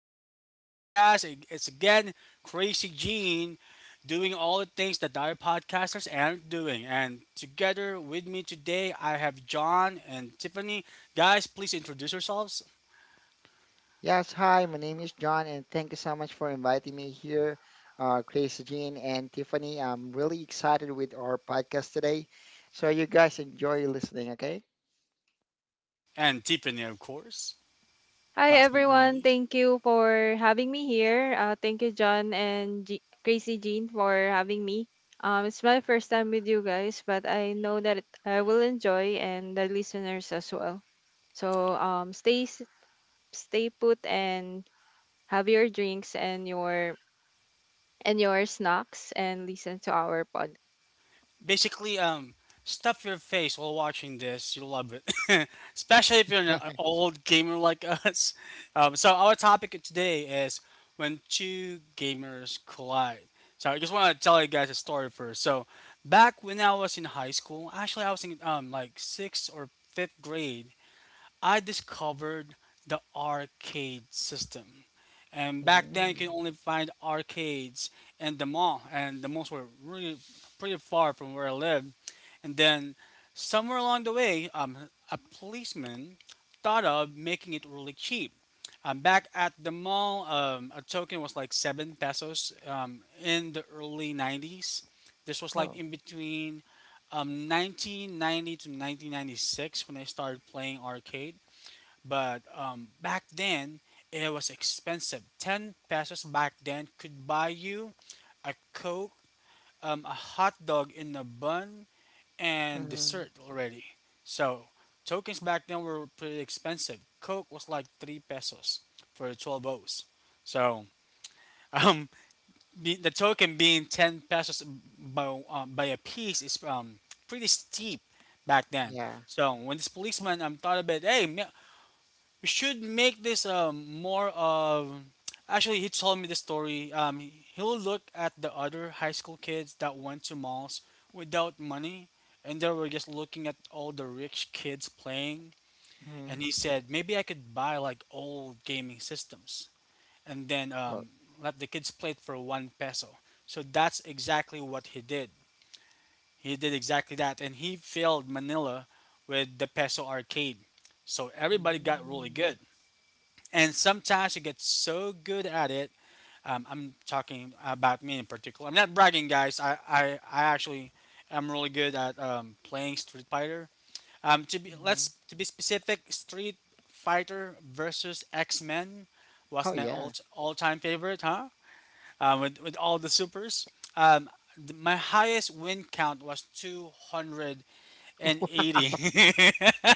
guys, to the podcast. It's again Crazy Gene doing all the things that other podcasters aren't doing. And together with me today, I have John and Tiffany. Guys, please introduce yourselves. Yes, hi, my name is John, and thank you so much for inviting me here, Chris, Jean, and Tiffany. I'm really excited with our podcast today. So you guys enjoy listening, okay? And Tiffany, of course, Hi last but not everyone, least. thank you for having me here. Thank you, John and Crazy Jean, for having me. It's my first time with you guys, but I know that I will enjoy and the listeners as well. So stay put and have your drinks and your snacks and listen to our pod. Basically, stuff your face while watching this. You'll love it, especially if you're an old gamer like us. So our topic today is when two gamers collide. So I just want to tell you guys a story first. So back when I was in high school, actually I was in like sixth or fifth grade. I discovered the arcade system. And back then, you could Mm. only find arcades in the mall, and the malls were really pretty far from where I lived. And then, somewhere along the way, a policeman thought of making it really cheap. Back at the mall, a token was like seven pesos in the early 90s. This was like Oh, in between 1990 to 1996 when I started playing arcade. But back then, it was expensive. 10 pesos back then could buy you a Coke, a hot dog in a bun, and mm, dessert already. So, tokens back then were pretty expensive. Coke was like 3 pesos for 12 O's. So, um, the token being 10 pesos by a piece is pretty steep back then. yeah. So when this policeman thought about, hey, we should make this more of, actually, he told me the story. He'll look at the other high school kids that went to malls without money, and they were just looking at all the rich kids playing. hmm And he said, maybe I could buy like old gaming systems, and then, Oh, let the kids play it for one peso. So that's exactly what he did. He did exactly that, and he filled Manila with the peso arcade. So everybody got really mm, good, and sometimes you get so good at it. I'm talking about me in particular. I'm not bragging, guys. I actually am really good at playing Street Fighter. To be let's hmm to be specific, Street Fighter versus X Men oh was my yeah. all time favorite, huh? With all the supers. Um, my highest win count was two hundred and eighty.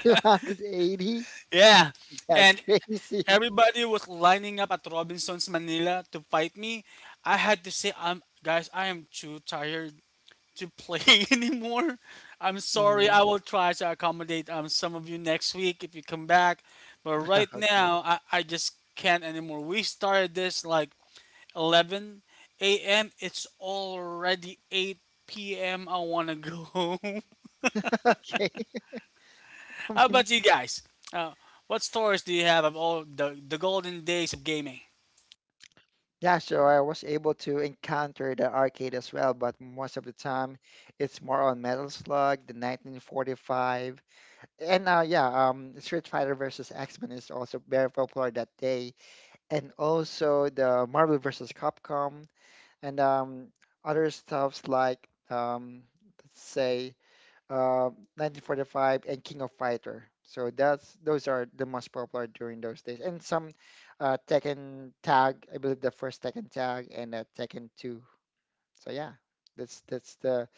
280? Yeah. That's And crazy. everybody was lining up at Robinson's Manila to fight me. I had to say, "I'm guys, I am too tired to play anymore. I'm sorry. hmm I will try to accommodate some of you next week if you come back, but right Okay. now I just can't anymore." We started this like 11 a.m. It's already 8 p.m. I wanna go home. Okay. I How mean, about you guys? Uh, what stories do you have of all the golden days of gaming? yeah, so I was able to encounter the arcade as well, but most of the time it's more on Metal Slug, the 1945, and yeah, Street Fighter versus X-Men is also very popular that day, and also the Marvel versus Capcom and other stuffs like let's say uh, 1945 and King of Fighter. So that's those are the most popular during those days. And some Tekken Tag, I believe the first Tekken Tag and Tekken 2. So yeah, that's that's the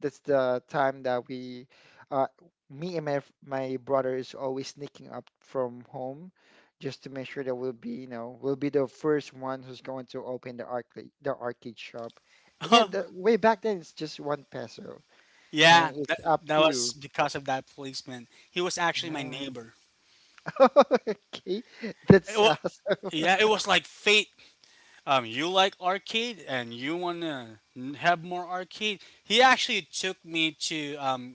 that's the time that we, uh, me and my brother is always sneaking up from home, just to make sure that we'll be we'll be the first one who's going to open the arcade shop. And yeah, the, way back then it's just one peso, Yeah, and it's up that to was you. because of that policeman. He was actually my Yeah. neighbor. Okay, It that's wa- awesome. yeah, it was like fate. You like arcade and you want to have more arcade. He actually took me to. Um,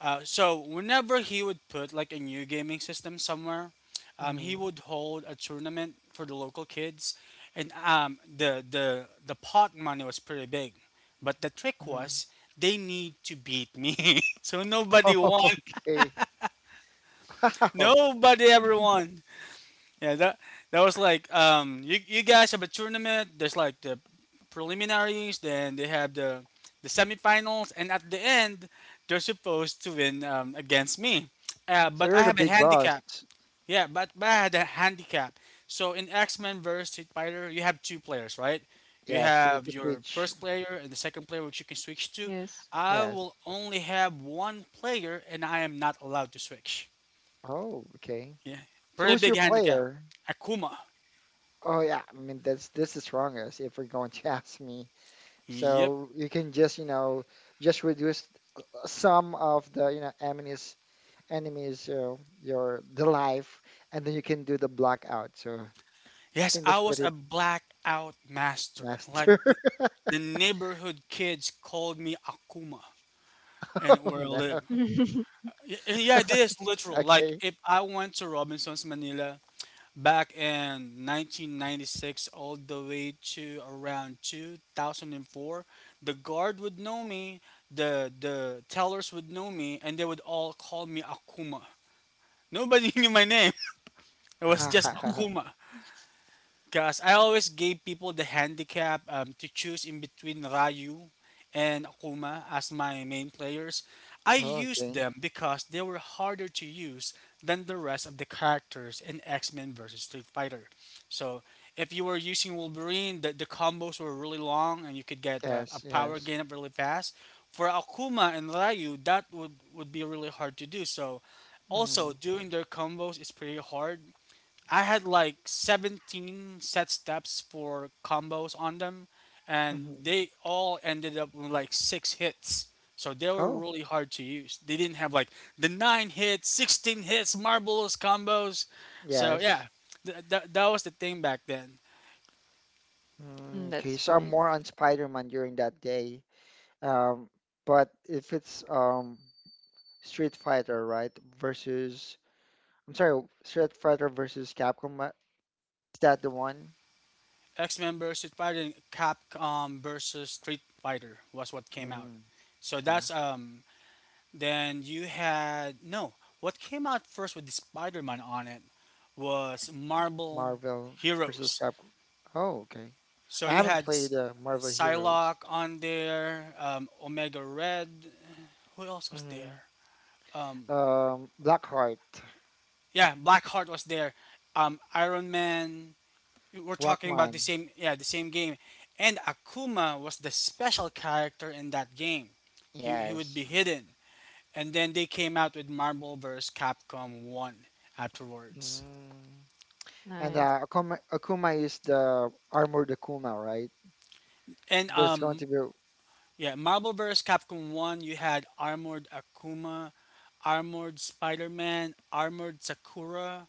uh, so, whenever he would put like a new gaming system somewhere, Mm-hmm. he would hold a tournament for the local kids. And the pot money was pretty big. But the trick Mm-hmm. was they need to beat me. So nobody won. Oh, okay. Wow. Nobody ever won. Yeah, that was like you you guys have a tournament. There's like the preliminaries, then they have the semifinals, and at the end they're supposed to win against me. So But I you're the have a big boss. handicap. Yeah, but I had a handicap. So in X Men versus Street Fighter, you have two players, right? You Yes, you need have to your switch. first player and the second player, which you can switch to. Yes. I will Yes. only have one player, and I am not allowed to switch. Oh, okay. Yeah. So Very who's big your handicap. player? Akuma. Oh yeah, I mean that's this is strongest if we're going to ask me. Yep. So you can just, you know, just reduce some of the, you know, enemies, you know, your the life and then you can do the blackout. So I Yes, think I that's was pretty a blackout master. Master. The neighborhood kids called me Akuma Oh and where I no. live. Yeah, it is literal. Like Okay. if I went to Robinson's Manila back in 1996 all the way to around 2004, the guard would know me, the tellers would know me, and they would all call me Akuma. Nobody knew my name. It was just Akuma. Because I always gave people the handicap to choose in between Ryu and Akuma as my main players. I Oh, used okay. them because they were harder to use than the rest of the characters in X Men versus Street Fighter. So if you were using Wolverine, the combos were really long and you could get a Yes, power yes. gain up really fast. For Akuma and Ryu, would be really hard to do. So also Mm, doing their combos is pretty hard. I had like 17 set steps for combos on them, and hmm they all ended up with like six hits. So they were Oh, really hard to use. They didn't have like the nine hits, 16 hits, marbles combos. So yes. yeah, that was the thing back then. Mm, Mm, okay, that's so I'm great. more on Spider-Man during that day. Um, but if it's Street Fighter, right, versus, I'm sorry, Street Fighter versus Capcom, is that the one? X Men versus Street Fighter, and Capcom versus Street Fighter was what came out. Mm, So yeah. that's um. Then you had no. What came out first with the Spider-Man on it was Marvel Marvel versus Heroes. Capcom. Oh, okay. So I you haven't had played Marvel Heroes. Psylocke on there, Omega Red. Who else was Mm-hmm. there? Um, Blackheart, yeah, Blackheart was there. Iron Man. We're talking about the Rockman. same. Yeah, the same game. And Akuma was the special character in that game. He would be Yes. hidden. And then they came out with Marvel vs. Capcom One afterwards. Mm. And Nice. Akuma is the armored Akuma, right? And There's going to be, yeah, Marvel vs. Capcom 1, you had Armored Akuma, Armored Spider-Man, Armored Sakura,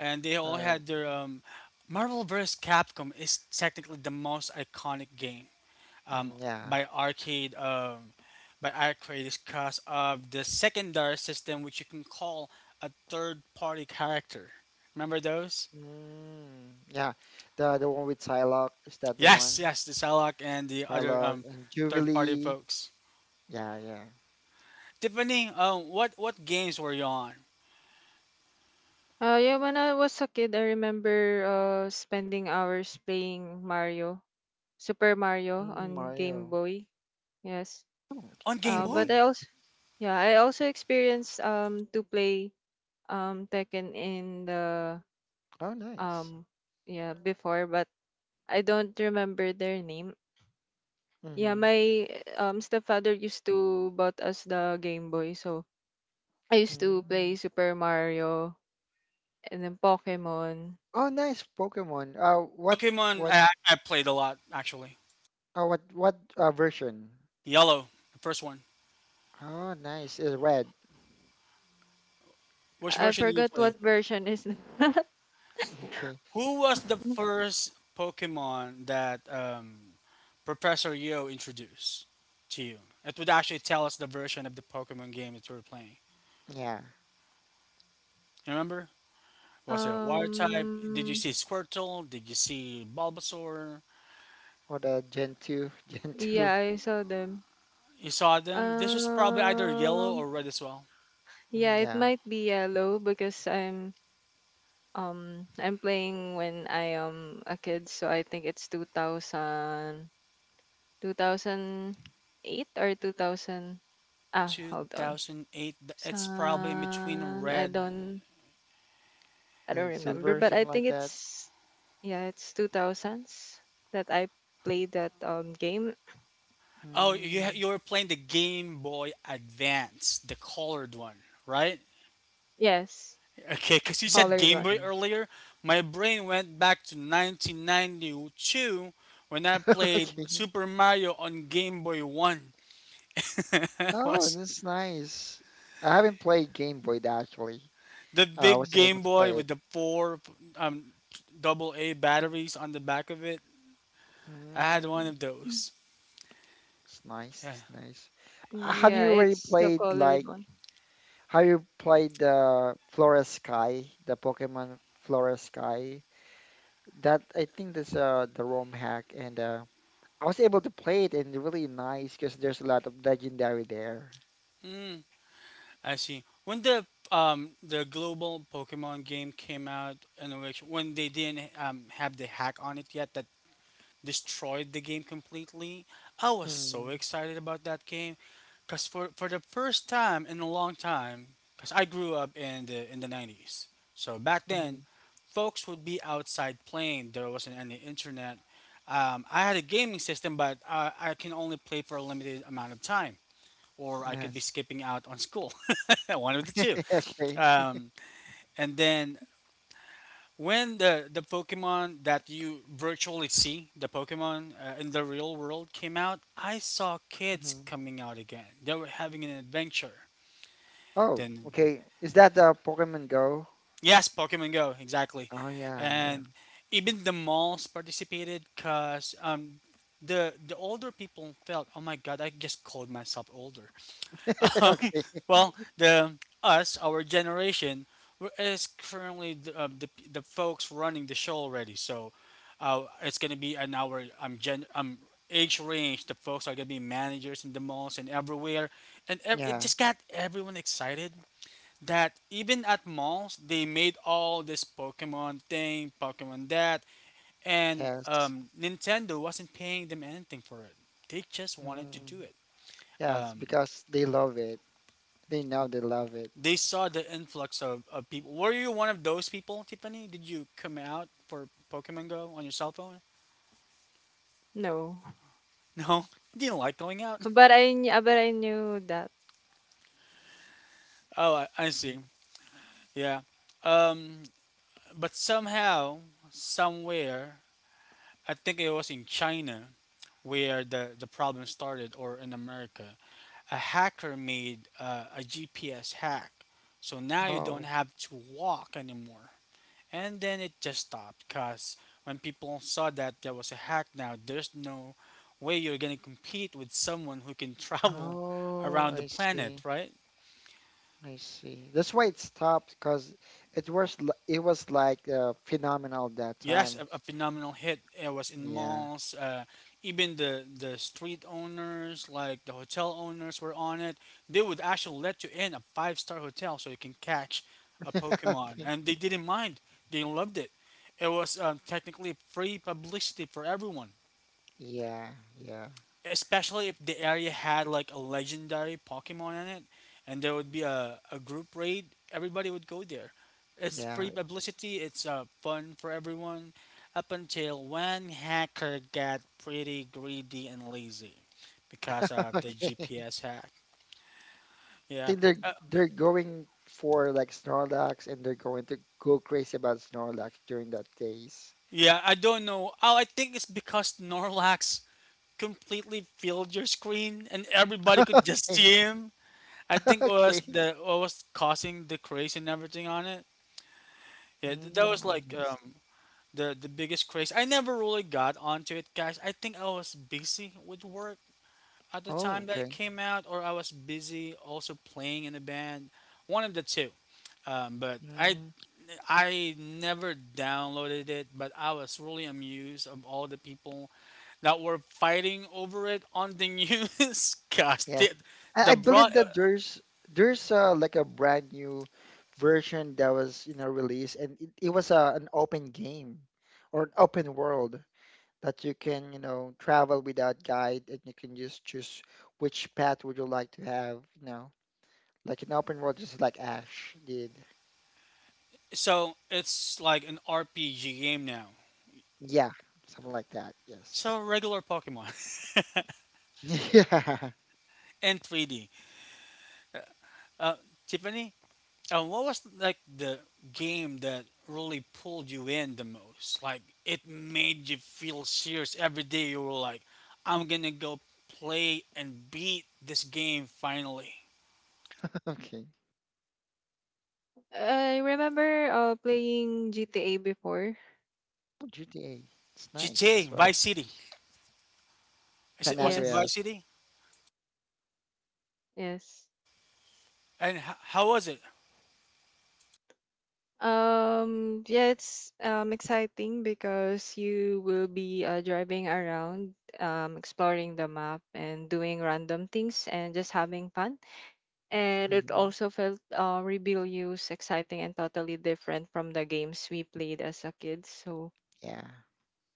and they all uh, had their Marvel vs. Capcom is technically the most iconic game um mm, yeah, by arcade um by arcade because of the secondary system which you can call a third party character. Remember those? mm, yeah. The one with Psylocke, is that the Yes, one? yes, the Salak and the other Psylocke and third party Jubilee. folks. Yeah, yeah. Tiffany, what games were you on? Yeah, when I was a kid, I remember spending hours playing Mario, Super Mario Mm, on Game Mario. Boy. Yes. Oh, On Game Game Boy? But Boy. I also Yeah, I also experienced to play Tekken in the Oh, nice. um yeah, before, but I don't remember their name. Yeah, Mm-hmm. my stepfather used to bought us the Game Boy, so I used to play mm. Super Mario and then Pokemon. Oh, nice Pokemon. Pokemon, what I played a lot actually. What version? Yellow, the first one. Oh, nice. It's red. Which I version did you forgot play? what version is that. Okay. Who was the first Pokemon that Professor Yo introduced to you? It would actually tell us the version of the Pokemon game that you were playing. Yeah. You remember? Was it a water type? Did you Um, see Squirtle? Did you see Bulbasaur? Or the Gen 2, yeah, I saw them. You saw them. This was probably either yellow Um, or red as well. yeah, mm, it yeah, might be yellow because I'm playing when I am a kid, so I think it's 2008 or 2000. Ah, hold on. 2008. It's probably in between San, red. I don't and remember, silver, but Yeah. I something like think that. It's 2000s that I played that game. Oh, Mm, you were playing the Game Boy Advance, the colored one, right? Yes, Okay, because you said mm, colored Game one. Boy okay. earlier. My brain went back to 1992 when I Okay. played Super Mario on Game Boy One. It Oh, was that's nice. I haven't played Game Boy actually. the I big wasn't able Game to play Boy it. with the four um double A batteries on the back of it. I had one of Mm, those. it's nice. Yeah. It's nice. Mm, Have yeah, you already it's the played colored like, one. have you played the Flora Sky, the Pokemon Flora Sky? That I think that's the ROM hack and I was able to play it and really nice because there's a lot of legendary there. Hmm. I see. When the global Pokemon game came out, and which when they didn't have the hack on it yet that destroyed the game completely, I was so Mm-hmm. excited about that game, cause for the first time in a long time, cause I grew up in the nineties, so back then, Mm-hmm. folks would be outside playing. There wasn't any internet. I had a gaming system, but I can only play for a limited amount of time, or I could be Yes. skipping out on school. One of the two. Okay. Um, and then when the Pokemon that you virtually see, the Pokemon in the real world came out, I saw kids Mm-hmm. coming out again. They were having an adventure. Oh, Then, okay. Is that the Pokemon Go? yes, Pokemon Go, exactly. Oh yeah, yeah. And even the malls participated because the older people felt, oh my god, I just called myself older. Um, Okay. well, our generation, is currently the, the folks running the show already. So, it's gonna be an hour gen age range. The folks are gonna be managers in the malls and everywhere, and it Yeah. just got everyone excited. That even at malls, they made all this Pokemon thing, Pokemon that, and Yes. Nintendo wasn't paying them anything for it. They just wanted to Mm-hmm. do it. Yes, Um, because they love it. They know they love it. they saw the influx of people. Were you one of those people, Tiffany? Did you come out for Pokemon Go on your cell phone? No. No, you didn't like going out. But I knew that. Oh, I see. Mm. Yeah. Um, but somehow, somewhere, I think it was in China where the problem started, or in America, a hacker made a GPS hack. So now you don't Oh. have to walk anymore. And then it just stopped because when people saw that there was a hack now, there's no way you're going to compete with someone who can travel Oh, around the I planet, see. right? I see. That's why it stopped because it was like phenomenal that Yes, time. A phenomenal hit. It was in Yeah, malls. Even the street owners, like the hotel owners, were on it. They would actually let you in a five-star hotel so you can catch a Pokemon. okay. And they didn't mind, they loved it. It was technically free publicity for everyone, Yeah, yeah. especially if the area had like a legendary Pokemon in it, and there would be a group raid, everybody would go there. It's Yeah. free publicity, it's fun for everyone, up until one hacker got pretty greedy and lazy because of the Okay. GPS hack. Yeah. think they're Uh, they're going for like Snorlax and they're going to go crazy about Snorlax during that days. yeah, I don't know. Oh, I think it's because Norlax completely filled your screen and everybody could just Okay. see him. I think Okay. What was causing the craze and everything on it. Yeah, that was Mm, like nice. The biggest craze. I never really got onto it, guys. I think I was busy with work at the Oh, time that it okay. came out, or I was busy also playing in a band. One of the two. But Mm, I never downloaded it, but I was really amused of all the people that were fighting over it on the news. Gosh, yes. I, the I broad. believe that there's like a brand new version that was, you know, released and it was an open game or an open world that you can, you know, travel without guide and you can just choose which path would you like to have, you know. Like in open world, just like Ash did. So it's like an RPG game now. Yeah, something like that. Yes. So regular Pokemon Yeah. in 3D. Uh, Tiffany, what was like the game that really pulled you in the most? Like it made you feel serious every day. You were like, "I'm gonna go play and beat this game finally." Okay. I remember playing GTA before. Oh, GTA. It's nice GTA as well. Vice City. Is San it, was it Yes. Andreas. Vice City? Yes. And how was it? Yeah, it's exciting because you will be driving around, exploring the map and doing random things and just having fun. And it Mhm. also felt rebellious, exciting and totally different from the games we played as a kid. So Yeah.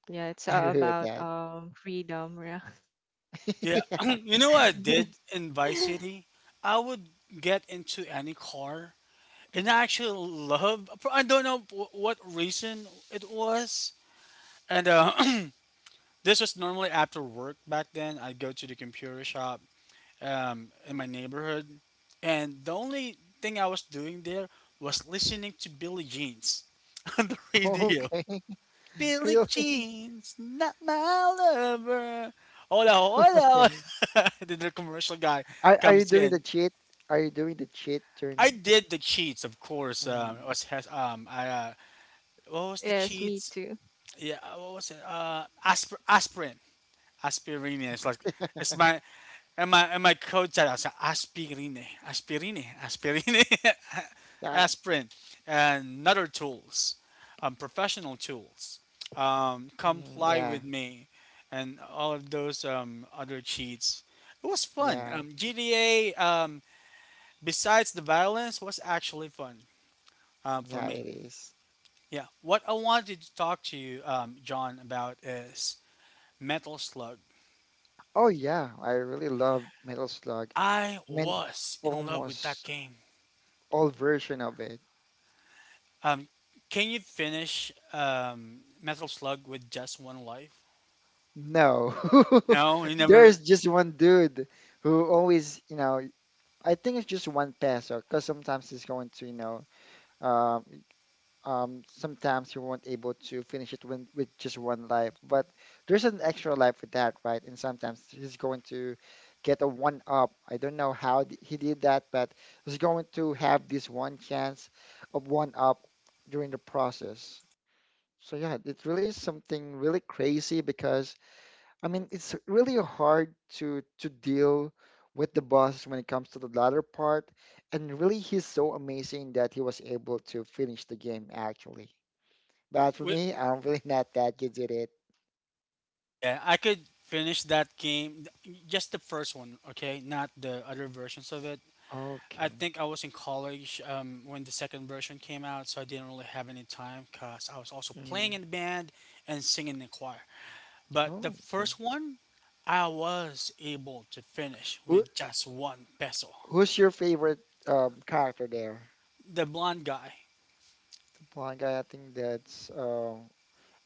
yeah, it's I agree with about that. Freedom, yeah. Yeah, Yeah. you know what I did in Vice City? I would get into any car, and I actually love. I don't know what reason it was, and this was normally after work back then. I'd go to the computer shop in my neighborhood, and the only thing I was doing there was listening to Billie Jeans on the radio. Okay. Billie Really? Jeans, not my lover. Hola, hola. Okay. then the commercial guy Are you comes doing the in. cheat? Are you doing the cheat I during? did the cheats, of course. Mm, It was has- I What was the Yes, me cheats? too. Yeah, what was it? Aspirin. Aspirine. It's like it's my and my coach said I said aspirine, aspirine, aspirine, yeah. aspirin, and other tools, professional tools. Mm, Comply yeah. with me, and all of those other cheats. It was fun. Yeah. GDA, besides the violence, was actually fun for Yeah. me. It is. Yeah. What I wanted to talk to you, John, about is Metal Slug. Oh yeah. I really love Metal Slug. I I mean, was in love with that almost game. all version of it. Um, can you finish Metal Slug with just one life? No. No, you There's never. just one dude who always, you know, I think it's just one peso because sometimes he's going to, you know, um, sometimes you won't able to finish it with just one life, but there's an extra life with that, right? And sometimes he's going to get a one up. I don't know how he did that, but he's going to have this one chance of one up during the process. So yeah, it really is something really crazy because I mean, it's really hard to deal with the boss when it comes to the latter part, and really he's so amazing that he was able to finish the game actually. But for wi- me, I'm really not that good at it. Yeah, I could finish that game, just the first one, okay, not the other versions of it. I Okay. think I was in college when the second version came out, so I didn't really have any time because I was also playing Mhm. in the band and singing in the choir. But the Oh, okay. first one, I was able to finish Who with just one peso. who's your favorite character there? The blonde guy. Blind guy, I think that's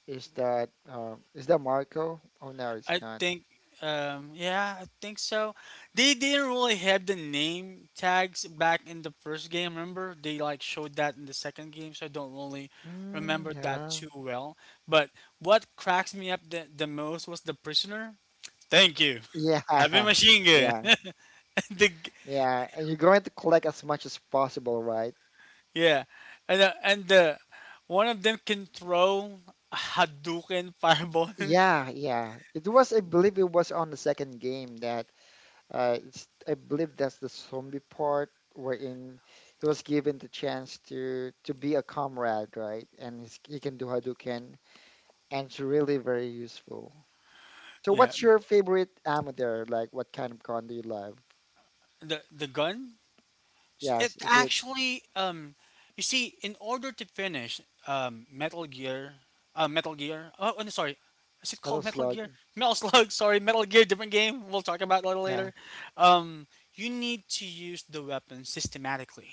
is that Marco? Oh no, it's I not. think. Yeah, I think so. They didn't really have the name tags back in the first game. Remember, they like showed that in the second game, so I don't really Mm, remember that yeah. too well. But what cracks me up the most was the prisoner. Thank you. Yeah, Heavy machine yeah. gun. the, g- Yeah, and you're going to collect as much as possible, right? yeah, and uh, and the, one of them can throw a Hadouken fireball. Yeah, yeah. It was, I believe it was on the second game that it's I believe that's the zombie part wherein he was given the chance to be a comrade, right? And he's, he can do Hadouken and it's really very useful. So yeah, what's your favorite ammo there? Like what kind of gun do you love? the gun it Yes, is it actually, you see, in order to finish um, Metal Gear, Metal Gear. Oh, oh, no, Sorry. Is it Metal called Metal Gear? Slug? Metal Slug. Sorry, Metal Gear, different game. We'll talk about that Yeah. later. Um, you need to use the weapon systematically.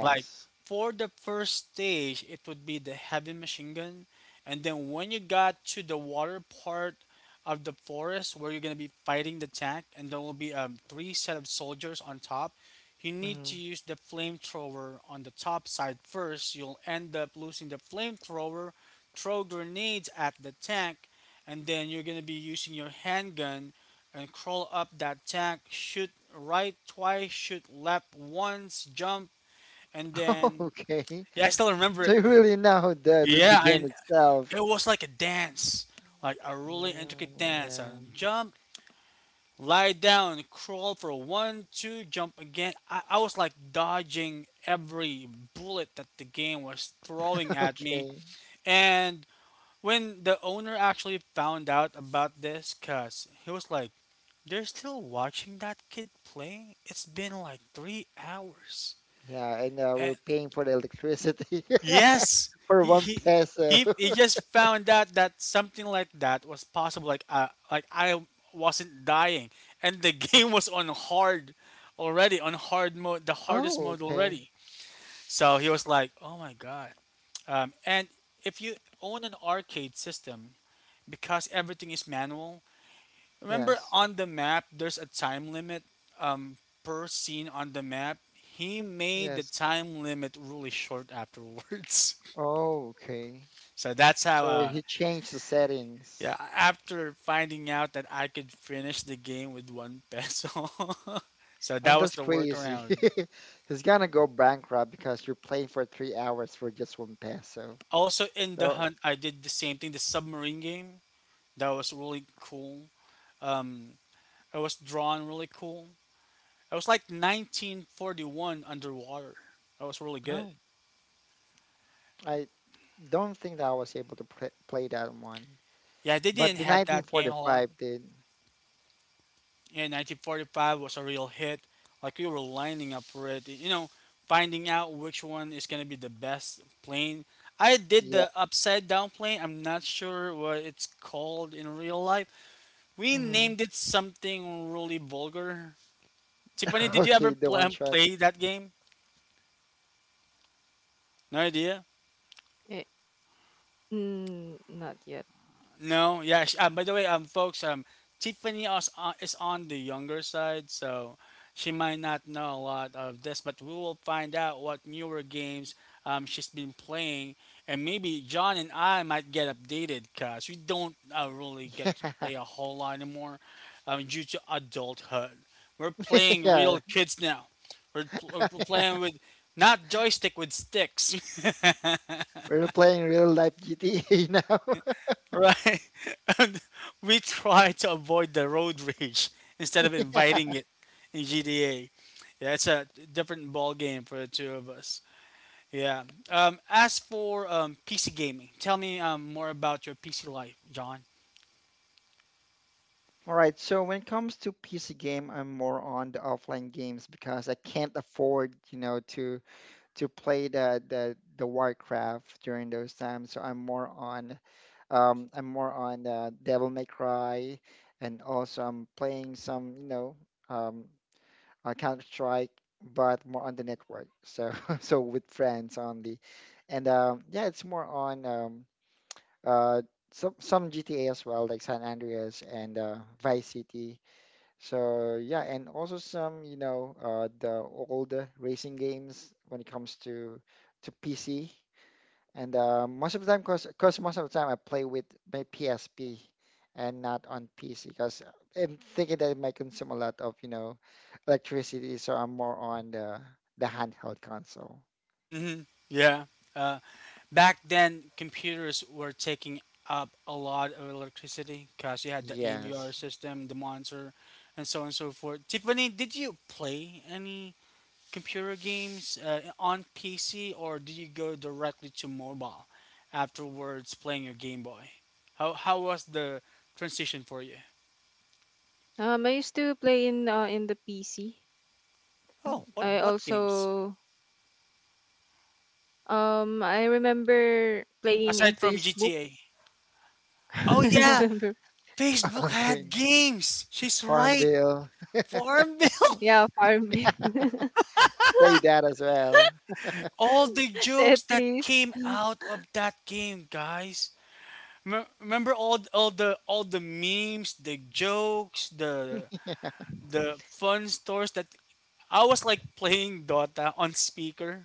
Like for the first stage, it would be the heavy machine gun, and then when you got to the water part of the forest where you're gonna be fighting the tank, and there will be three set of soldiers on top. You need to hmm use the flamethrower on the top side first. You'll end up losing the flamethrower. Throw grenades at the tank, and then you're gonna be using your handgun and crawl up that tank. Shoot right twice, shoot left once, jump and then, okay. yeah, I still remember So it. you really know the Yeah, and game it itself. was like a dance, like a really intricate Mm, dance. yeah. And jump, lie down, crawl for one, two, jump again. I was like dodging every bullet that the game was throwing at me. Okay. And when the owner actually found out about this, cuz he was like, they're still watching that kid play? It's been like 3 hours. Yeah, and And we're paying for the electricity yes, for he one he peso. he he just found out that something like that was possible. Like I wasn't dying, and the game was on hard already, on hard mode, the hardest Oh, mode okay. already. So he was like, "Oh my god!" And If you own an arcade system, because everything is manual, remember Yes. on the map there's a time limit um, per scene on the map. He made the Yes. time limit really short afterwards. Oh, okay. So that's how. So he changed the Yeah, settings. after finding out that I could finish the game with one peso, so I that mean, was that's the crazy. workaround. He's gonna go bankrupt because you're playing for 3 hours for just one peso. Also, in the So, hunt, I did the same thing. The submarine game that was really cool. Um, it was drawn really cool. It was like 1941 underwater. That was really good. oh, I don't think that I was able to play that one. Yeah, they But didn't the have that game a lot. 1945 did. Yeah, 1945 was a real hit. Like we were lining up for it. You know, finding out which one is gonna be the best plane. I did Yeah. the upside down plane. I'm not sure what it's called in real life. We hmm named it something really vulgar. Tiffany, did you ever Okay, the one shot. play that game? No idea. Eh, mm, not yet. No, yeah. By the way, folks, Tiffany is on the younger side, so she might not know a lot of this, but we will find out what newer games she's been playing, and maybe John and I might get updated because we don't really get to Yeah. play a whole lot anymore due to adulthood. We're playing Yeah. real kids now. We're playing with not joystick with sticks. We're playing real life GTA now. Right. And we try to avoid the road rage instead of inviting it in GTA. Yeah, it's a different ball game for the two of us. Yeah. As for PC gaming, tell me more about your PC life, John. All right, so when it comes to PC game, I'm more on the offline games because I can't afford, you know, to play the Warcraft during those times. So I'm more on Devil May Cry, and also I'm playing some, you know, um, Counter Strike, but more on the network. So so with friends only, and yeah, it's more on uh, some GTA as well, like San Andreas and Vice City. So yeah, and also some, you know, the old racing games when it comes to PC. And most of the time, cause most of the time I play with my PSP and not on PC, because I'm thinking that it might consume a lot of, you know, electricity, so I'm more on the handheld console. Mm-hmm. Yeah. Uh, Back then, computers were taking up a lot of electricity because you had the AVR Yes. system, the monitor, and so on and so forth. Tiffany, did you play any computer games on PC, or did you go directly to mobile afterwards playing your Game Boy? How was the transition for you? I used to play in the PC. Oh, Oh, okay. I what games also I remember playing in aside from Facebook. GTA? I Oh yeah, remember, Facebook Okay. had games. She's right. Farmville. Farmville. yeah, Farmville. Play that as well. all the jokes that Tetris. came out of that game, guys. Remember all the memes, the jokes, Yeah. the fun stories that I was like playing Dota on speaker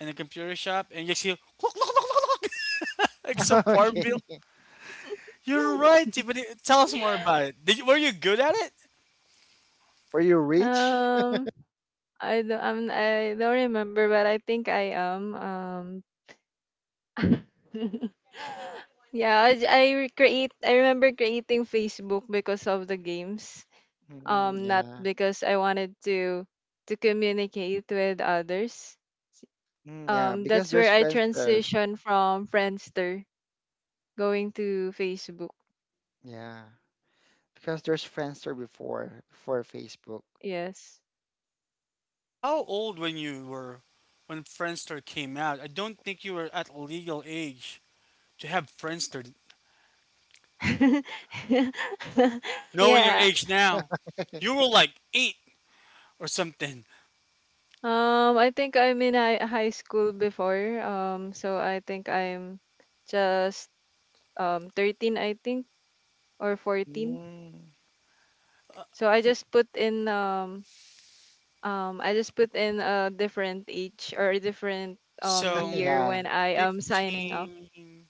in a computer shop, and you just hear "Cluck, cluck, cluck, cluck, cluck," like some farm Okay. bill. You're right, but tell us more about it. Did you, were you good at it? Were you rich? Um, I don't remember, but I think I am. Yeah, I j- I re- create. I remember creating Facebook because of the games. Mm, Not yeah. because I wanted to communicate with others. Mm, yeah, because That's where there's I Friendster. transitioned from Friendster going to Facebook. Yeah. Because there's Friendster before Facebook. Yes. How old when you were when Friendster came out? I don't think you were at legal age to have Friendster. Knowing your Yeah. age now, you were like eight or something. I think I'm in high school before. So I think I'm just 13, I think, or 14. Mm. So I just put in I just put in a different age or a different year So, Yeah. when I am signing up. 15,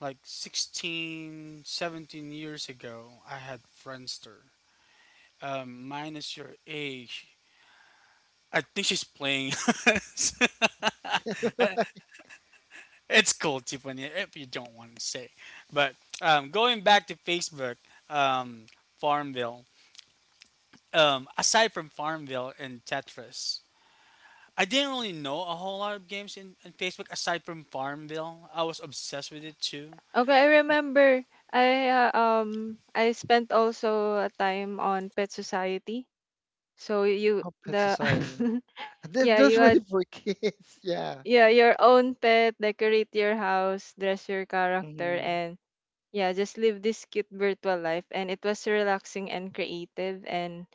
like 16, 17 years ago, I had Friendster. Minus your age. I think she's playing. it's cool, Tiffany, if you don't want to say. But going back to Facebook, um, Farmville. Aside from Farmville and Tetris, I didn't really know a whole lot of games in Facebook aside from Farmville. I was obsessed with it too. Okay, I remember I spent also a time on Pet Society. So you Oh, Pet the Society. This, Yeah, this you really had for kids. Yeah. yeah, your own pet, decorate your house, dress your character, Mm-hmm. and yeah, just live this cute virtual life. And it was relaxing and creative, and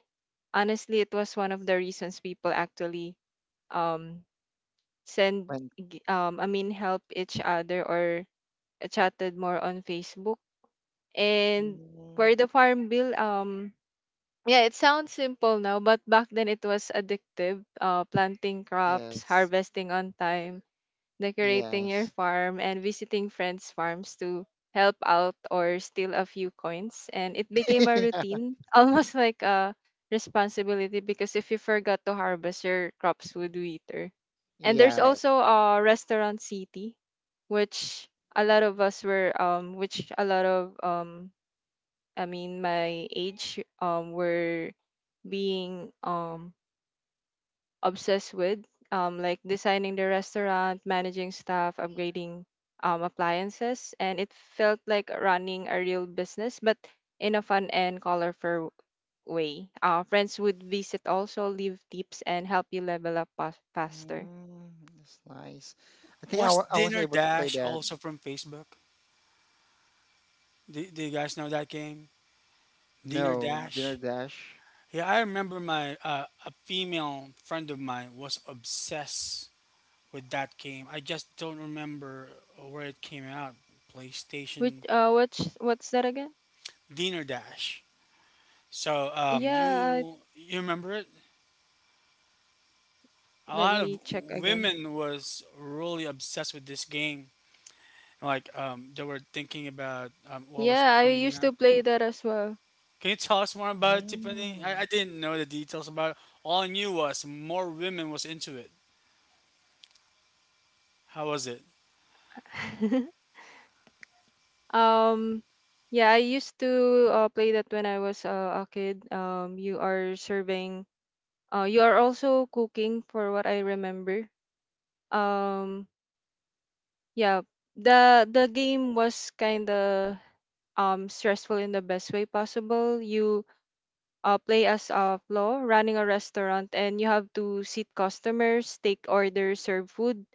honestly it was one of the reasons people actually um When, I mean help each other or chatted more on Facebook. And Mm. for the farm bill, yeah, it sounds simple now, but back then it was addictive. Planting crops, yes. harvesting on time, decorating your Yes. farm, and visiting friends' farms to help out or steal a few coins. And it became a routine, almost like a responsibility, because if you forgot to harvest, your crops would wither. And there's Yeah. Yeah. also a restaurant city, which which a lot of, I mean, my age, were being, obsessed with, like designing the restaurant, managing staff, upgrading appliances, and it felt like running a real business, but in a fun and colorful way. Friends would visit also, leave tips, and help you level faster. Mm. It's nice. I think Was I was Dinner able to play Dash that. also from Facebook? Do you guys know that game? Dinner No, Dinner Dash? Dash. Yeah, I remember my a female friend of mine was obsessed with that game. I just don't remember where it came out. Which PlayStation What's that again? Dinner Dash. So Yeah, you you remember it? A let lot of me check again. women was really obsessed with this game. Like they were thinking about what was Yeah, I coming used out. to play that as well. Can you tell us more about it, Tiffany? I, Mm. I didn't know the details about it. All I knew was more women was into it. How was it? Um, yeah, I used to play that when I was a kid. You are serving. You are also cooking, for what I remember. Um, yeah, the game was kind of stressful in the best way possible. You play as a flaw running a restaurant and you have to seat customers, take orders, serve food,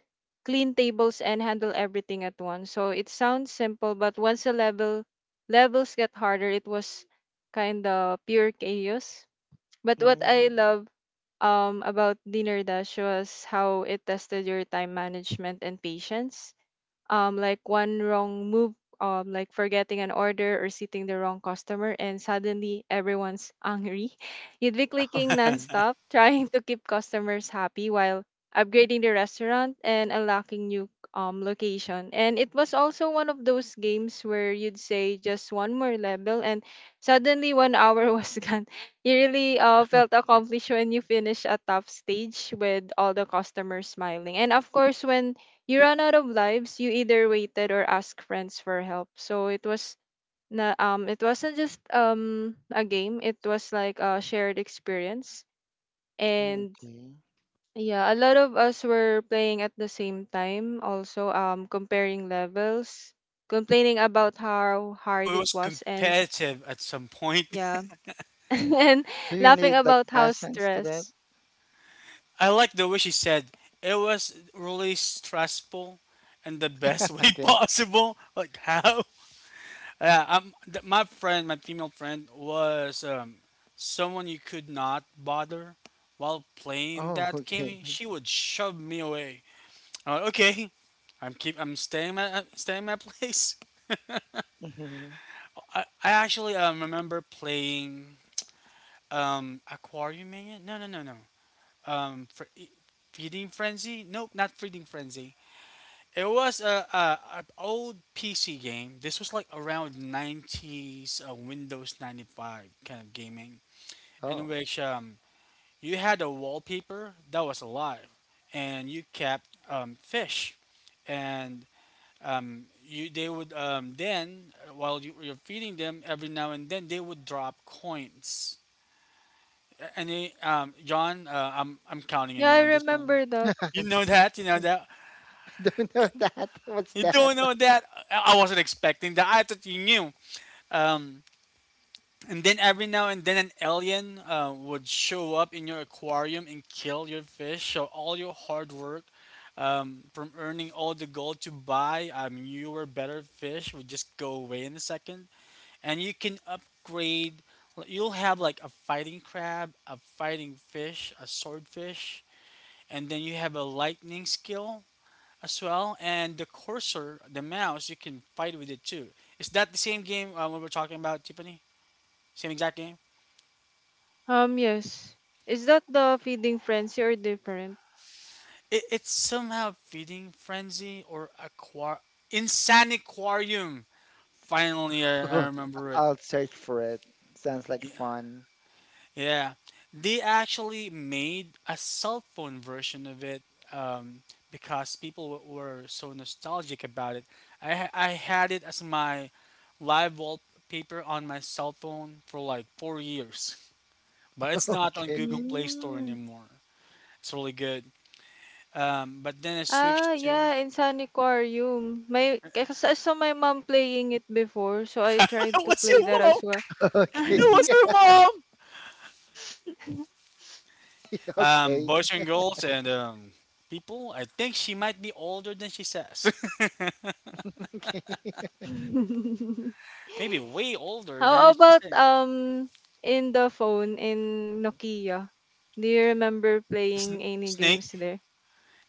clean tables, and handle everything at once. So it sounds simple, but once the level levels get harder, it was kind of pure chaos. But what Mm. I love about Dinner Dash was how it tested your time management and patience, like one wrong move, like forgetting an order or seating the wrong customer, and suddenly everyone's angry. You'd be clicking Okay. nonstop, trying to keep customers happy while upgrading the restaurant and unlocking new location. And it was also one of those games where you'd say just one more level, and suddenly 1 hour was gone. You really felt accomplished when you finished a tough stage with all the customers smiling. And of course, when you ran out of lives, you either waited or asked friends for help. So it was na it wasn't just a game, it was like a shared experience. And Okay. yeah, a lot of us were playing at the same time, also comparing levels, complaining about how hard So it it was was, and competitive at some point. yeah. And Do you laughing need like about how past tense to that? stress. I like the way she said it was really stressful in the best way Okay. possible. Like how? Yeah, my friend, my female friend, was someone you could not bother while playing Oh, that okay. game. She would shove me away. I'm like, okay, I'm keep. I'm staying. I'm staying my place. hmm I actually remember playing Aquarium Mania. No, no, no, no. um, for e- Feeding Frenzy. Nope, not Feeding Frenzy. It was a old PC game. This was like around 90s Windows 95 kind of gaming, in Oh, which you had a wallpaper that was alive, and you kept fish, and you they would then while you're feeding them every now and then they would drop coins. Any John, I'm counting on Yeah, you I on this one. remember that. You know I that. You know that. don't know that. What's You that? don't know that. I wasn't expecting that. I thought you knew. Um, and then every now and then an alien would show up in your aquarium and kill your fish. So all your hard work, from earning all the gold to buy newer, better fish, would just go away in a second. And you can upgrade. Like, you'll have like a fighting crab, a fighting fish, a swordfish, and then you have a lightning skill as well, and the cursor, the mouse, you can fight with it too. Is that the same game we are talking about, Tiffany? Same exact game? Yes. Is that the feeding frenzy or different? It's somehow feeding frenzy or aqua Insaniquarium. Finally, I Okay, remember it. I'll search for it. Sounds like Yeah, fun. yeah. They actually made a cell phone version of it, um, because people were so nostalgic about it. I had it as my live wallpaper on my cell phone for like 4 years. But it's not on Okay, Google Play Store Mm. anymore. It's really good. But then I Ah, switched to yeah, in Sun Aquarium. My Because I saw my mom playing it before, so I it tried to was your play that mom. as well. okay, It was your mom. Okay, Boys and girls and people. I think she might be older than she says. okay. Maybe way older How than she about says. In the phone in Nokia? Do you remember playing any Snake. games there?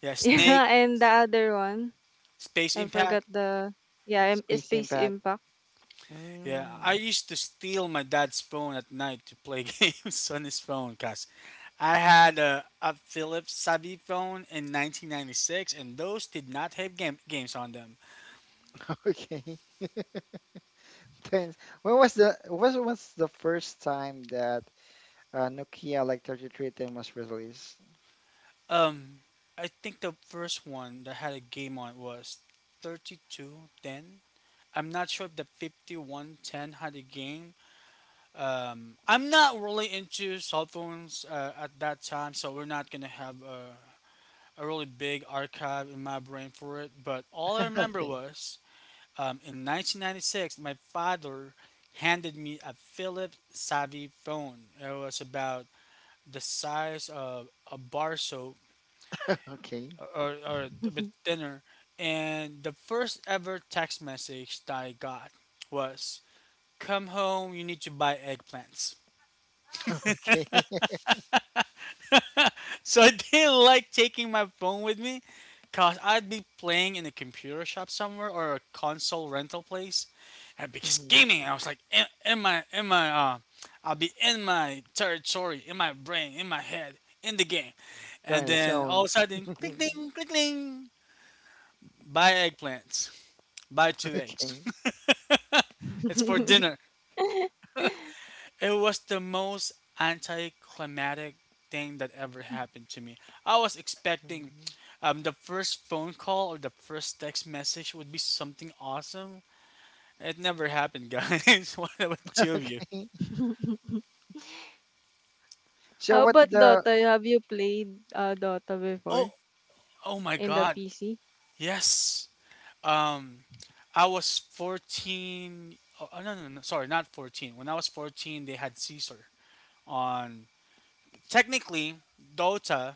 Yeah, snake. Yeah, and the other one, Space I forgot Impact. the yeah, Space Space impact. Impact. Yeah, Mm, I used to steal my dad's phone at night to play games on his phone because I had a Philips Savvy phone in 1996 and those did not have games on them. okay. Thanks. When was the first time that Nokia like 3310 was released? Um, I think the first one that had a game on was 3210. I'm not sure if the 5110 had a game. I'm not really into cell phones at that time, so we're not gonna have a really big archive in my brain for it. But all I remember Okay, was in 1996, my father handed me a Philips Savvy phone. It was about the size of a bar soap okay, or a bit thinner. And the first ever text message that I got was, "Come home, you need to buy eggplants." okay. So I didn't like taking my phone with me because I'd be playing in a computer shop somewhere or a console rental place. And I be hmm gaming. I was like, I'll be in my territory, in my brain, in my head, in the game. You're And in the then all of zone. a sudden, click ding, click ding, buy eggplants. Buy two eggs. Okay. It's for dinner. It was the most anticlimactic thing that ever happened to me. I was expecting, Mhm. The first phone call or the first text message would be something awesome. It never happened, guys. What about two of you? Okay. So How what about the? Dota? Have you played Dota Oh, before oh my in the God. PC? Yes. Um, I was 14. Oh, oh, no, no, no. Sorry, not 14. When I was 14, they had Caesar on. Technically, Dota,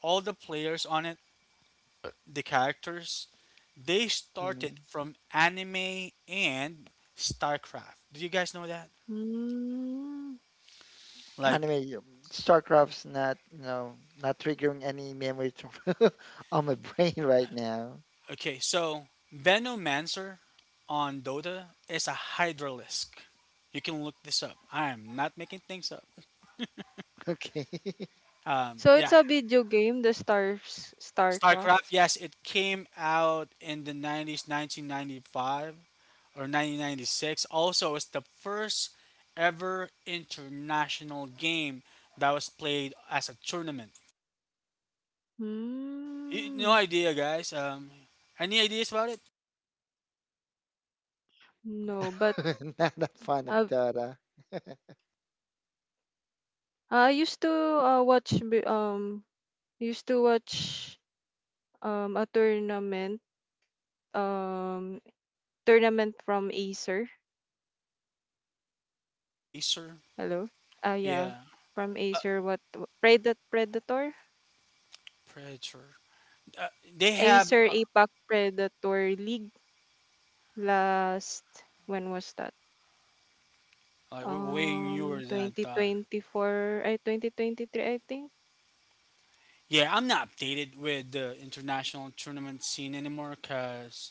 all the players on it, the characters, they Mm-hmm. started from anime and StarCraft. Do you guys know that? Mm. Like, anime StarCraft's not, you know, not triggering any memories on my brain right now. okay, so Venomancer on Dota is a Hydralisk. You can look this up. I am not making things up. Okay. So Yeah, it's a video game, the Stars StarCraft. StarCraft, yes, it came out in the 90s, 1995. Or 1996. Also, it's the first ever international game that was played as a tournament. No Mm. idea, guys. Any ideas about it? No, but Not a fan I of Dota. I used to uh, watch bi- um watch a um tournament from Acer. Acer? Hello. Ah, yeah, Yeah, from Acer, what, Predator? Predator. Uh, they have Acer APAC Predator League last, when was that? like way newer than I thought. 2024, I 2023, I think. Yeah, I'm not updated with the international tournament scene anymore because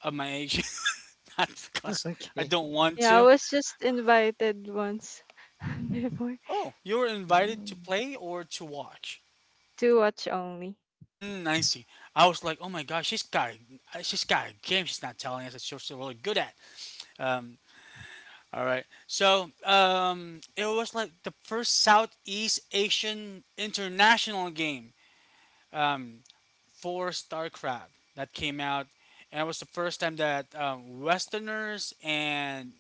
of my age, not because I Okay. don't want Yeah, I to. was just invited once before, Oh, you were invited to Mm, play or to watch? to watch only. Mm, I see. I was like, oh my gosh, she's got a game. She's not telling us that she's so really good at. Um, all right. So it was like the first Southeast Asian international game. Um, for StarCraft that came out, and it was the first time that Westerners and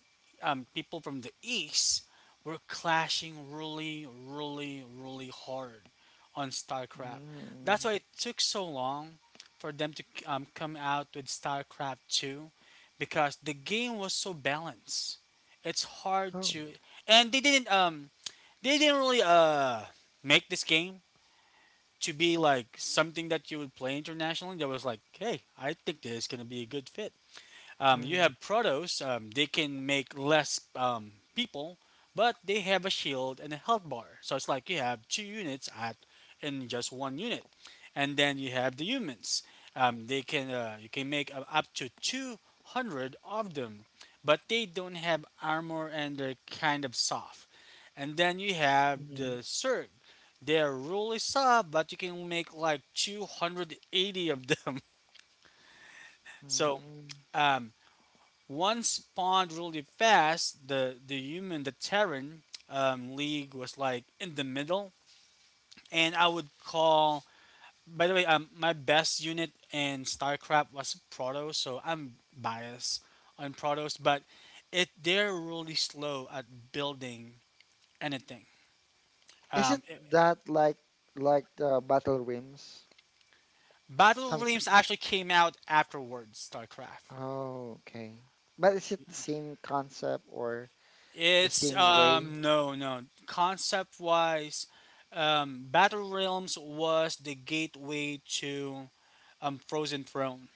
people from the East were clashing really, really, really hard on StarCraft. That's mm, why it took so long for them to come out with StarCraft 2 because the game was so balanced. It's hard Oh. to, and they didn't really make this game to be like something that you would play internationally that was like, hey, I think this is gonna be a good fit. You Mm, have Protoss, they can make less people, but they have a shield and a health bar. So it's like you have two units at in just one unit. And then you have the humans. They can you can make up to 200 of them, but they don't have armor and they're kind of soft. And then you have mm, the Zerg. They're really soft, but you can make like 280 of them. So mm. um, once spawned really fast, the human, the Terran League was like in the middle, and I would call. By the way, my best unit in StarCraft was Protoss, so I'm biased on Protoss, but it they're really slow at building anything. Is it Um, it- that like the Battle Rims? Battle of Some. k- Realms actually came out afterwards StarCraft. Oh, okay. But is it the same concept or the It's same way? No, no, concept wise, Battle Realms was the gateway to Frozen Throne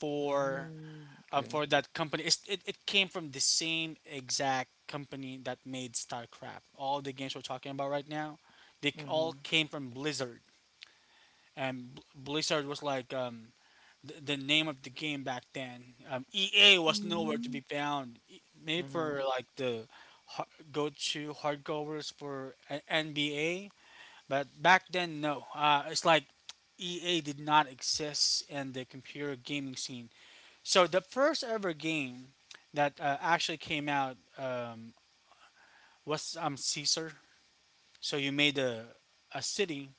for Mm, um, okay. for that company. It came from the same exact company that made StarCraft. All the games we're talking about right now, all Mm-hmm. came from Blizzard, and Blizzard was like, the name of the game back then. EA was nowhere to Mm, be found. Maybe Mm-hmm. for like the go-to hardcovers for NBA, but back then no. It's like EA did not exist in the computer gaming scene. So the first ever game that actually came out, was Caesar. So you made a city,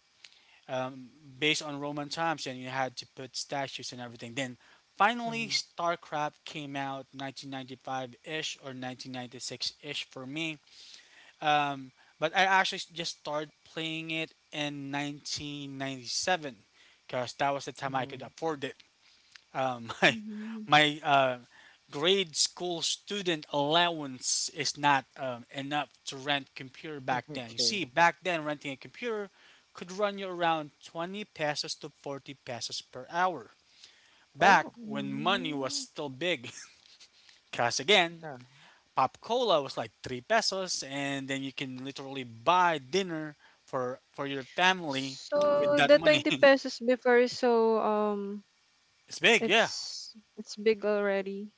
um, based on Roman times, and you had to put statues and everything. Then finally, StarCraft came out 1995-ish or 1996-ish for me. Um, but I actually just started playing it in 1997 because that was the time I could hmm afford it. Uh, my mhm, my grade school student allowance is not enough to rent computer back then. You Okay. see, back then renting a computer could run you around 20 pesos to 40 pesos per hour. Back Oh, when money was mhm. still big. Cause again, yeah. Pop Cola was like 3 pesos and then you can literally buy dinner for your family with So that the money. 20 pesos before, so It's big, yeah. It's big already.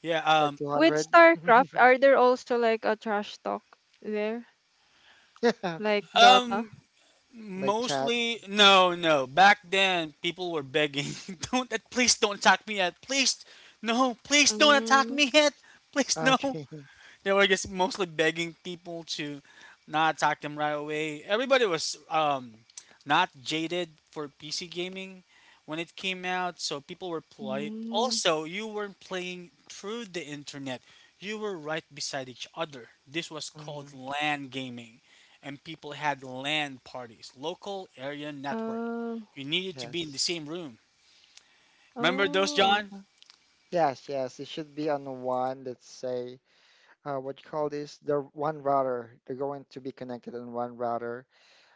Yeah, It's like With 200. StarCraft, are there also like a trash talk there, Yeah. Okay. like Dota? um Like chat. mostly, no, no. Back then, people were begging, "Don't, please, don't attack me yet. Please, no, please, don't attack Mm, me yet. Please, no." Okay. They were just mostly begging people to not attack them right away. Everybody was not jaded for PC gaming when it came out, so people were polite. Also, you weren't playing through the internet, you were right beside each other. This was Mhm. called LAN gaming, and people had LAN parties, local area network. mm, You needed to be in the Yes. same room. Remember those, oh, John? okay. Yes, yes. It should be on one, let's say, what you call this? The one router. They're going to be connected on one router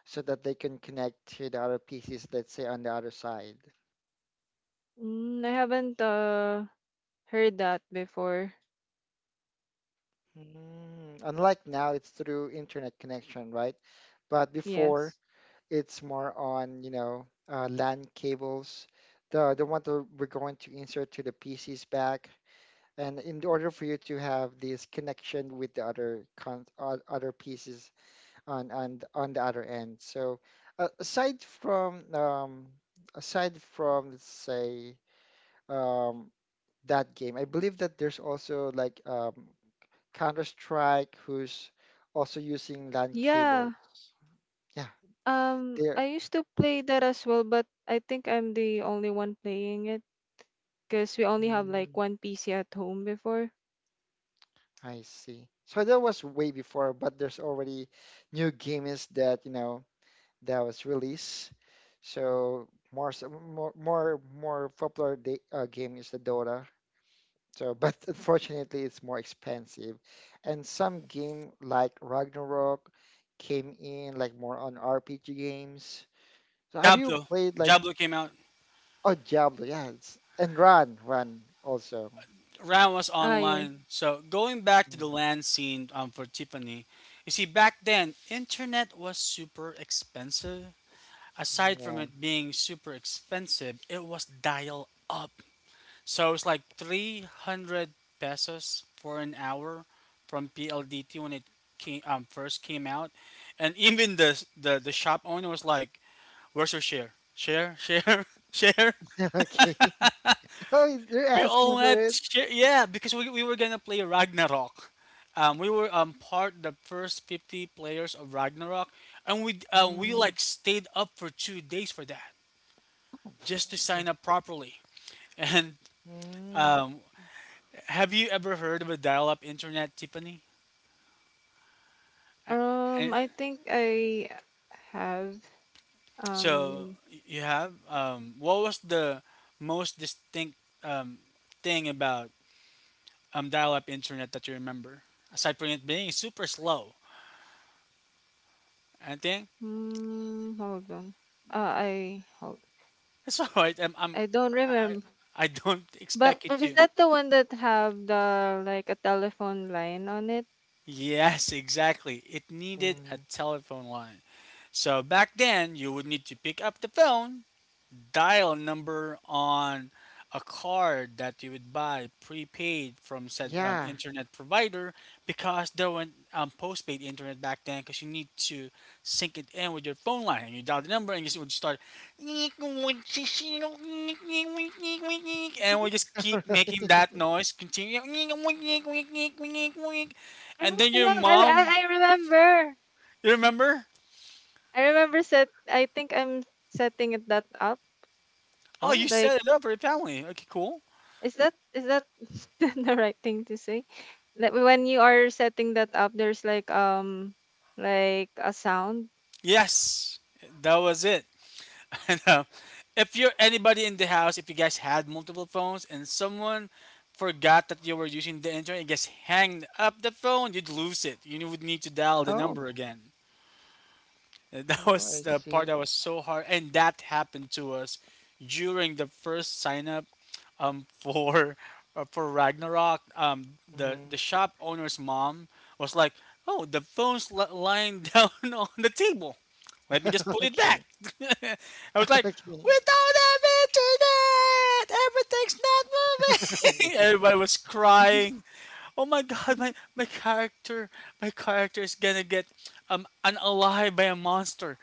so that they can connect to the other pieces, let's say, on the other side. Mm, I haven't heard that before. Mm. Unlike now, it's through internet connection, right? But before, Yes. it's more on, you know, LAN cables, the one that we're going to insert to the PC's back. And in order for you to have this connection with the other pieces on the other end. So uh, aside from um, aside from, let's say, um, that game, I believe that there's also like, Counter-Strike who's also using LAN cables. Yeah. Yeah, there. I used to play that as well, but I think I'm the only one playing it because we only have like one PC at home before. I see. So that was way before, but there's already new games that, you know, that was released. So more s- more more more popular game is the Dota. So, but unfortunately, it's more expensive. And some game like Ragnarok came in like more on RPG games. So have you Diablo, played like, Diablo came out. oh Diablo? Yeah, it's, and Run also. Ram was Ah, yeah. online. So going back to Mm, the land scene, for Tiffany, you see back then internet was super expensive. Aside from mm, it being super expensive, it was dial up. So it's like 300 pesos for an hour from PLDT when it came first came out. And even the shop owner was like, "Where's your share? Share, share, share." Yeah. Okay. Oh, they're We all asking for went. it. Yeah, because we were gonna play Ragnarok. We were part the first 50 players of Ragnarok, and we Mm, like stayed up for 2 days for that just to it's not- sign up properly. And mm, um, have you ever heard of a dial-up internet, Tiffany? And I think I have so um you have. What was the most distinct, um, thing about dial-up internet that you remember, aside from it being super slow? Anything? Hold on. I hold. That's all right. I don't I remember. I don't But expect it is to. that the one that have the like a telephone line on it? Yes, exactly. It needed a mm. telephone line. So back then, you would need to pick up the phone, dial number on a card that you would buy prepaid from said Yeah. internet provider because there were postpaid internet back then because you need to sync it in with your phone line and you dial the number and you just would start and we just keep making that noise continue and Oh, then your yeah, mom, I remember. you remember? I remember set. I think I'm setting it that up. Oh, you Oh. Like, set it up for your family, okay, cool. is that the right thing to say? Like when you are setting that up, there's like a sound. Yes, that was it. And if you're anybody in the house, if you guys had multiple phones and someone forgot that you were using the internet and just hanged up the phone, you'd lose it. You would need to dial the number Oh. again. And that Oh, was I the part see. that was so hard, and that happened to us during the first sign up um, for for Ragnarok. Um, the Mm. the shop owner's mom was like, "Oh, the phone's lying down on the table. Let me just put it back." Okay. I was like, Okay. "We don't have internet. Everything's not moving." Everybody was crying. Oh my god, my character, my character is gonna get unalive by a monster,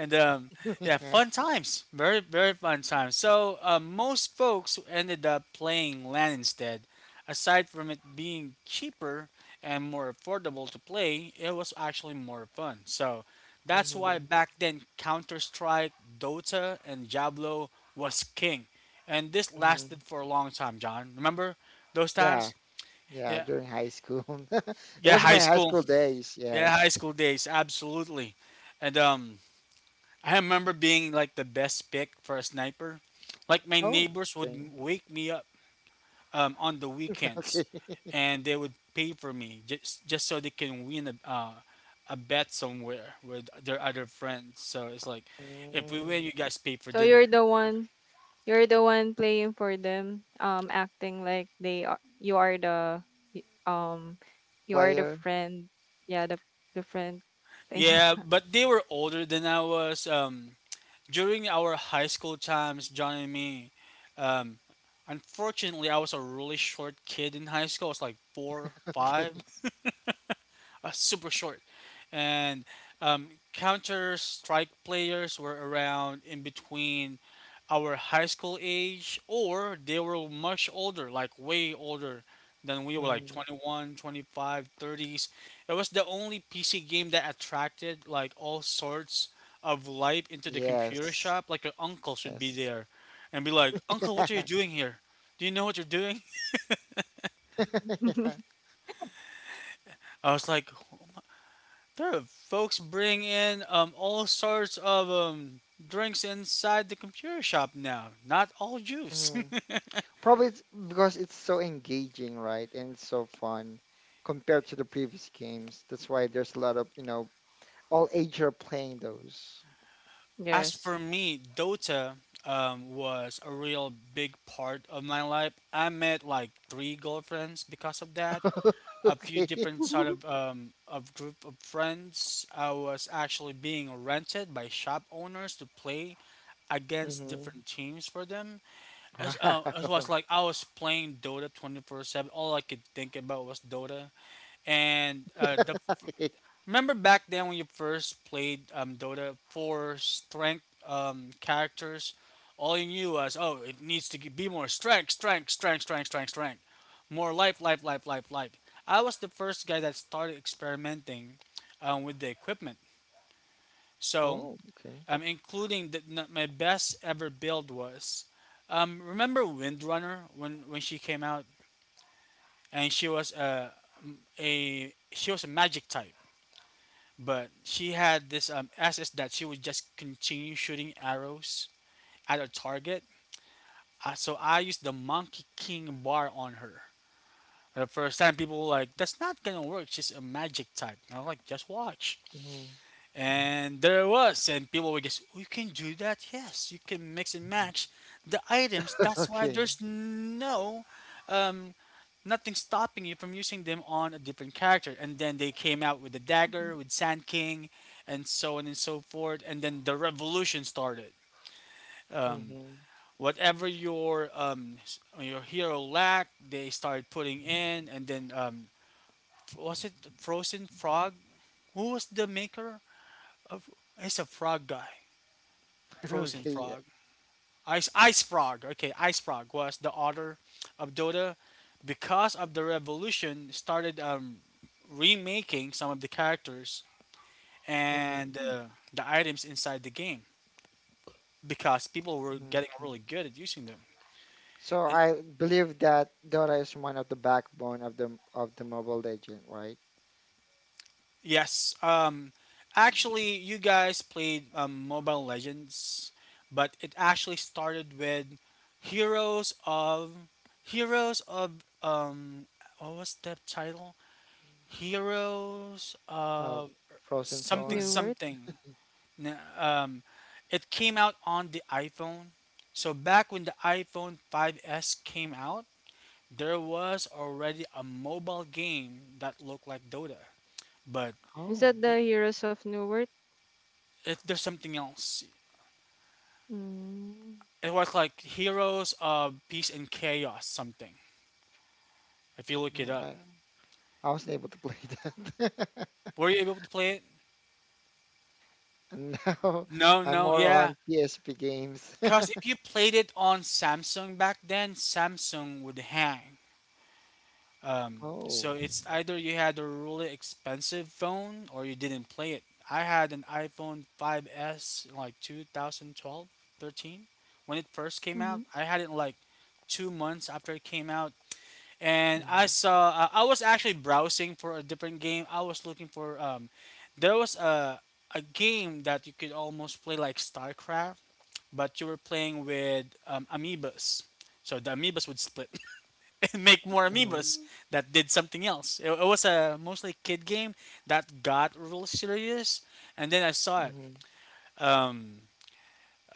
and yeah, Yeah. fun times, very very fun times. So most folks ended up playing LAN instead. Aside from it being cheaper and more affordable to play, it was actually more fun. So that's why Mm-hmm. back then Counter Strike, Dota, and Diablo was king, and this Mm-hmm. lasted for a long time. John, remember those Yeah. times? Yeah. Yeah, During high school. It yeah, was high my high school. school days. Yeah, Yes. high school days, absolutely. And I remember being like the best pick for a sniper. Like my Oh. neighbors would Okay. Wake me up on the weekends, Okay. and they would pay for me just so they can win a bet somewhere with their other friends. So it's like, if we Mm. win, you guys pay for So dinner. You're the one playing for them, acting like they are you are y- um you are the Player. friend. Yeah, the friend thing. Yeah, but they were older than I was. During our high school times, John and me. Um, Unfortunately, I was a really short kid in high school. I was like four, Okay. five, super short, and um, Counter Strike players were around in between our high school age or they were much older, like way older than we were, like Mm. 21, 25, thirties. It was the only PC game that attracted like all sorts of life into the computer Yes. shop. Like your uncles would be Yes. there and be like, "Uncle, what are you Yeah. doing here? Do you know what you're doing?" I was like, there, folks bring in all sorts of drinks inside the computer shop now. Not all juice. Yeah. Probably it's because it's so engaging, right? And it's so fun compared to the previous games. That's why there's a lot of, you know, all age are playing those. As Yes. for me, Dota was a real big part of my life. I met like three girlfriends because of that. A few Okay. different sort of group of friends. I was actually being rented by shop owners to play against hmm different teams for them. As, uh, Wow. as was like I was playing Dota 24/7. All I could think about was Dota. And the Okay. remember back then when you first played Dota for strength characters, all you knew was, oh, it needs to be more strength, strength, strength, strength, strength, strength, more life, life, life, life, life. I was the first guy that started experimenting with the equipment. So Oh, okay. Including my best ever build was. Remember Windrunner when she came out and she was a she was a magic type, but she had this SS that she would just continue shooting arrows at a target. So I used the Monkey King bar on her. The first time people were like, "That's not gonna work. She's a magic type." And I was like, "Just watch." hmm And there it was, and people were just, "Oh, you can do that? Yes, you can mix and match the items. That's why Okay. there's no, um, nothing stopping you from using them on a different character." And then they came out with the dagger, with Sand King, and so on and so forth. And then the revolution started. Um, hmm whatever your your hero lacked, they started putting in. Was it Frozen Frog? Who was the maker? It's a frog guy, Frozen Okay. Yeah. Frog. Ice Ice Frog. Okay, Ice Frog was the author of Dota. Because of the revolution, started remaking some of the characters hmm and the items inside the game because people were getting Okay. really good at using them. So And- I believe that Dota is one of the backbone of the Mobile Legend, right? yes, actually, you guys played Mobile Legends, but it actually started with Heroes of Heroes of what was that title? Heroes Uh, of Frozen something New Throne. word. something. N- Um, it came out on the iPhone. So back when the iPhone 5S came out, there was already a mobile game that looked like Dota, but Is Oh, that the y- Heroes of New World? There's something else. Mm. It was like Heroes of Peace and Chaos something. If you look it mm, up, I, I wasn't able to play that. were you able to play it? And now No, I'm no, more yeah. on PSP games. Cause if you played it on Samsung back then, Samsung would hang. Um, so Oh. it's either you had a really expensive phone or you didn't play it. I had an iPhone 5S in like 2012, 13, when it first came Mm-hmm. out. I had it in like 2 months after it came out. And I Mhm, saw, I was actually browsing for a different game. I was looking for, there was a game that you could almost play like StarCraft, but you were playing with amoebas. So the amoebas would split. Make more mhm, amiibos that did something else. It was a mostly kid game that got real serious, and then I saw it. mhm. Um,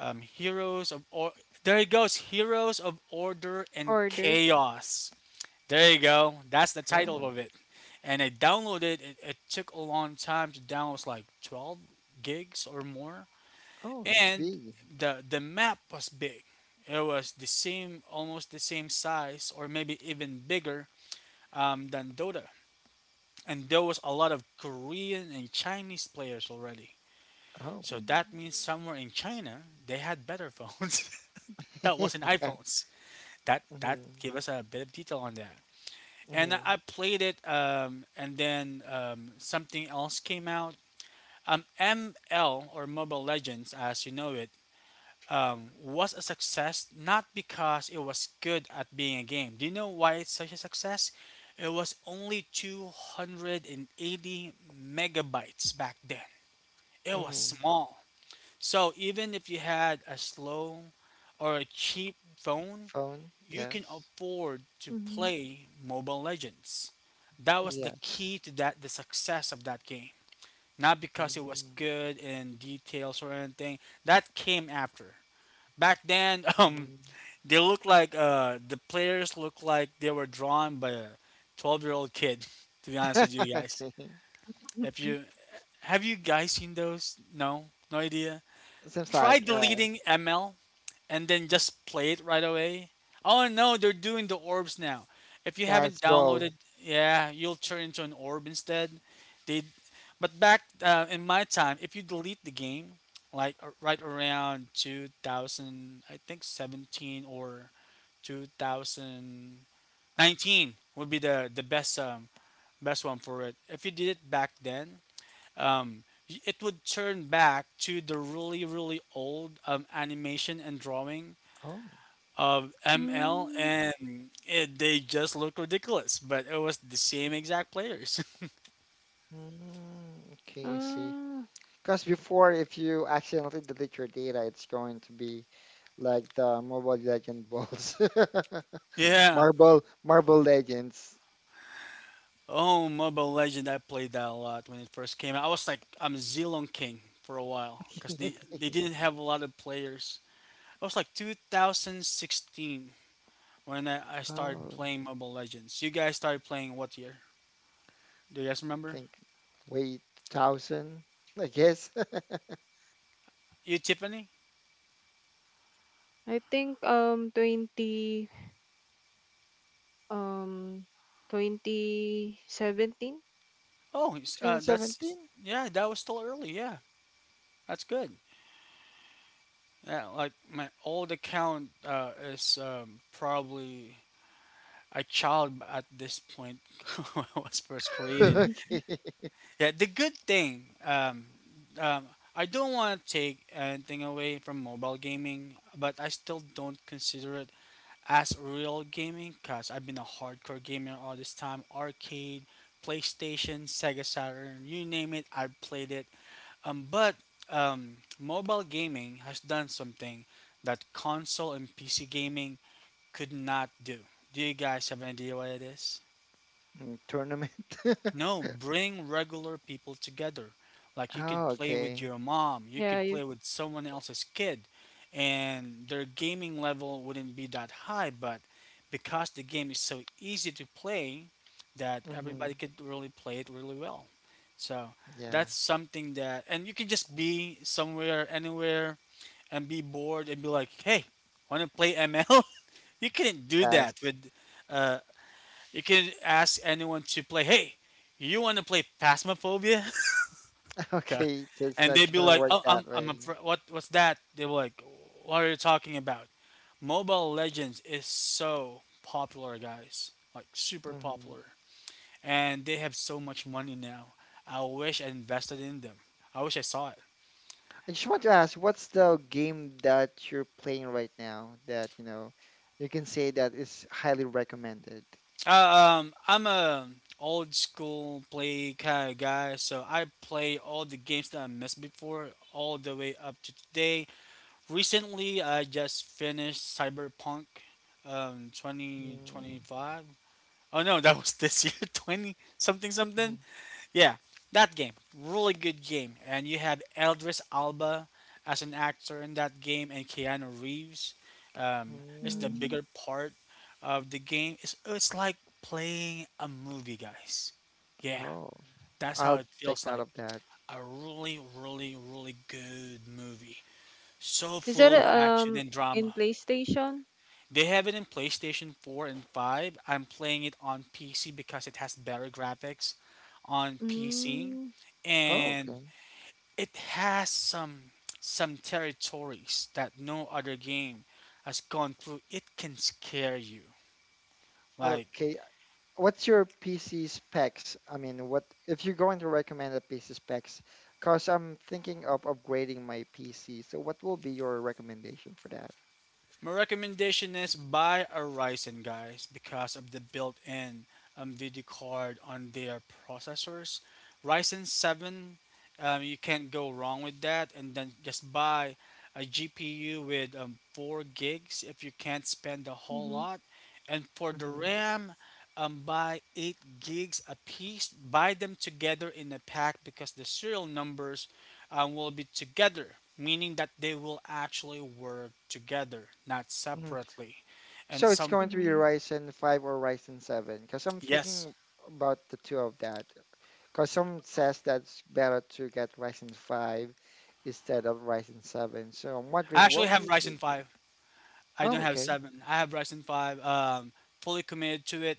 Heroes of there it goes, Heroes of Order and Order. Chaos. There you go. That's the title Oh. of it. And I downloaded it. It took a long time to download. It was like 12 gigs or more. Oh, that's And big. the map was big. It was the same, almost the same size, or maybe even bigger than Dota, and there was a lot of Korean and Chinese players already. Oh. So that means somewhere in China they had better phones. That wasn't Yeah. iPhones. That Mhm, gave us a bit of detail on that. And I mhm, I played it, and then something else came out. ML or Mobile Legends, as you know it, was a success not because it was good at being a game. Do you know why it's such a success? It was only 280 megabytes back then. It was mhm. small. So even if you had a slow or a cheap phone, Phone? you can Yes. afford to Mm-hmm. play Mobile Legends. That was the key Yes. to that the success of that game. Not because it was Mhm, good in details or anything. That came after. Back then, mhm. they look like the players look like they were drawn by a 12-year-old kid. To be honest with you guys, Okay. if you, have you guys seen those? No, no idea. Seems Try like deleting ML and then just play it right away. Oh no, they're doing the orbs now. If you yeah, it's haven't ball. downloaded, yeah, you'll turn into an orb instead. They, but back in my time, if you delete the game, like right around 2000, I think 17 or 2019 would be the best best one for it. If you did it back then, um, it would turn back to the really really old animation and drawing Oh. of ML, Mm. and they just look ridiculous. But it was the same exact players. Mm, okay, I see. Uh, Because before, if you accidentally delete your data, it's going to be like the Mobile Legend balls. Yeah. Marble Marble Legends. Oh, Mobile Legend, I played that a lot when it first came out. I was like, I'm Zilong King for a while because they didn't have a lot of players. It was like 2016 when I started Oh, I playing Mobile Legends. You guys started playing what year? Do you guys remember? think way 2000, I guess, You, Tiffany? I think 20 um 2017. Oh, 2017. yeah, that was still early. Yeah, that's good. Yeah, like my old account is probably a child at this point when it was first created. Okay, Yeah, the good thing, um, I don't want to take anything away from mobile gaming, but I still don't consider it as real gaming because I've been a hardcore gamer all this time. Arcade, PlayStation, Sega Saturn, you name it, I played it, but mobile gaming has done something that console and PC gaming could not do. Do you guys have an idea what it is? Mm, tournament. No, bring regular people together. Like you could Oh, play with okay. your mom, you could Yeah, play you, with someone else's kid, and their gaming level wouldn't be that high. But because the game is so easy to play, that hmm everybody could really play it really well. So Yeah. that's something that, and you can just be somewhere, anywhere, and be bored and be like, hey, want to play ML? You couldn't do Yes. that with uh, you can ask anyone to play. Hey, you want to play Phasmophobia? God. Okay, so it's And not they'd be gonna like, work "Oh, that I'm a, way. What's that?" They were like, "What are you talking about?" Mobile Legends is so popular, guys. Like super hmm popular, and they have so much money now. I wish I invested in them. I wish I saw it. I just want to ask, what's the game that you're playing right now that, you know, you can say that is highly recommended? I'm a old school play kind of guy, so I play all the games that I missed before, all the way up to today. Recently, I just finished Cyberpunk Mm, 2025. Oh no, that was this year 20 something mhm, something. Yeah, that game. Really good game. And you have Eldris Alba as an actor in that game and Keanu Reeves is the mm. mm, bigger part of the game. It's like playing a movie, guys. Yeah, Oh, that's how I'll it take feels note like. of that. A really, really, really good movie. So is that full of action and in drama. PlayStation? They have it in PlayStation 4 and 5. I'm playing it on PC because it has better graphics on PC Mm. Oh, and okay. it has some territories that no other game has gone through. It can scare you. Like, Okay. What's your PC specs? I mean, what if you're going to recommend a PC specs? Because I'm thinking of upgrading my PC. So what will be your recommendation for that? my recommendation is buy a Ryzen, guys, because of the built-in video card on their processors. Ryzen 7, you can't go wrong with that. And then just buy a GPU with 4 gigs if you can't spend a whole Mm-hmm. lot. And for the Mm-hmm. RAM, buy 8 gigs a piece. Buy them together in a pack because the serial numbers will be together, meaning that they will actually work together, not separately. And So it's some, going to be Mm-hmm. Ryzen 5 or Ryzen 7 because I'm yes, thinking about the two of that. Because some says that's better to get Ryzen 5 instead of Ryzen 7. So I'm I wondering actually what have will Ryzen be. 5. I don't Oh, have okay. 7. I have Ryzen 5, fully committed to it.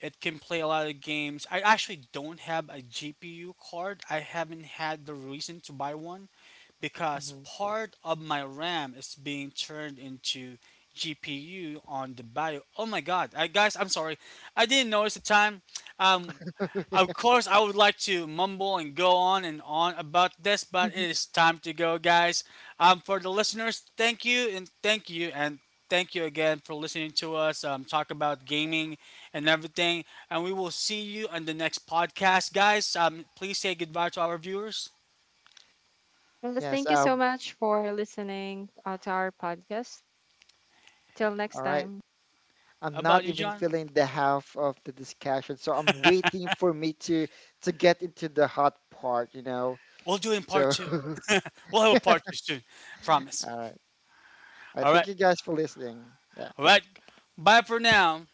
It can play a lot of games. I actually don't have a GPU card. I haven't had the reason to buy one because hmm part of my RAM is being turned into GPU on the bio. Oh my god, I, guys, I'm sorry. I didn't notice the time. Um, Of course, I would like to mumble and go on and on about this, but it is time to go, guys. For the listeners, thank you and thank you and thank you again for listening to us talk about gaming and everything. And we will see you on the next podcast, guys. Please say goodbye to our viewers Yes, Yes. thank you so much for listening to our podcast. Till All next right. time. I'm about not you, even John. feeling the half of the discussion, so I'm waiting We'll do it in part two. We'll have a part two soon, I promise. All right, all right. Bye for now.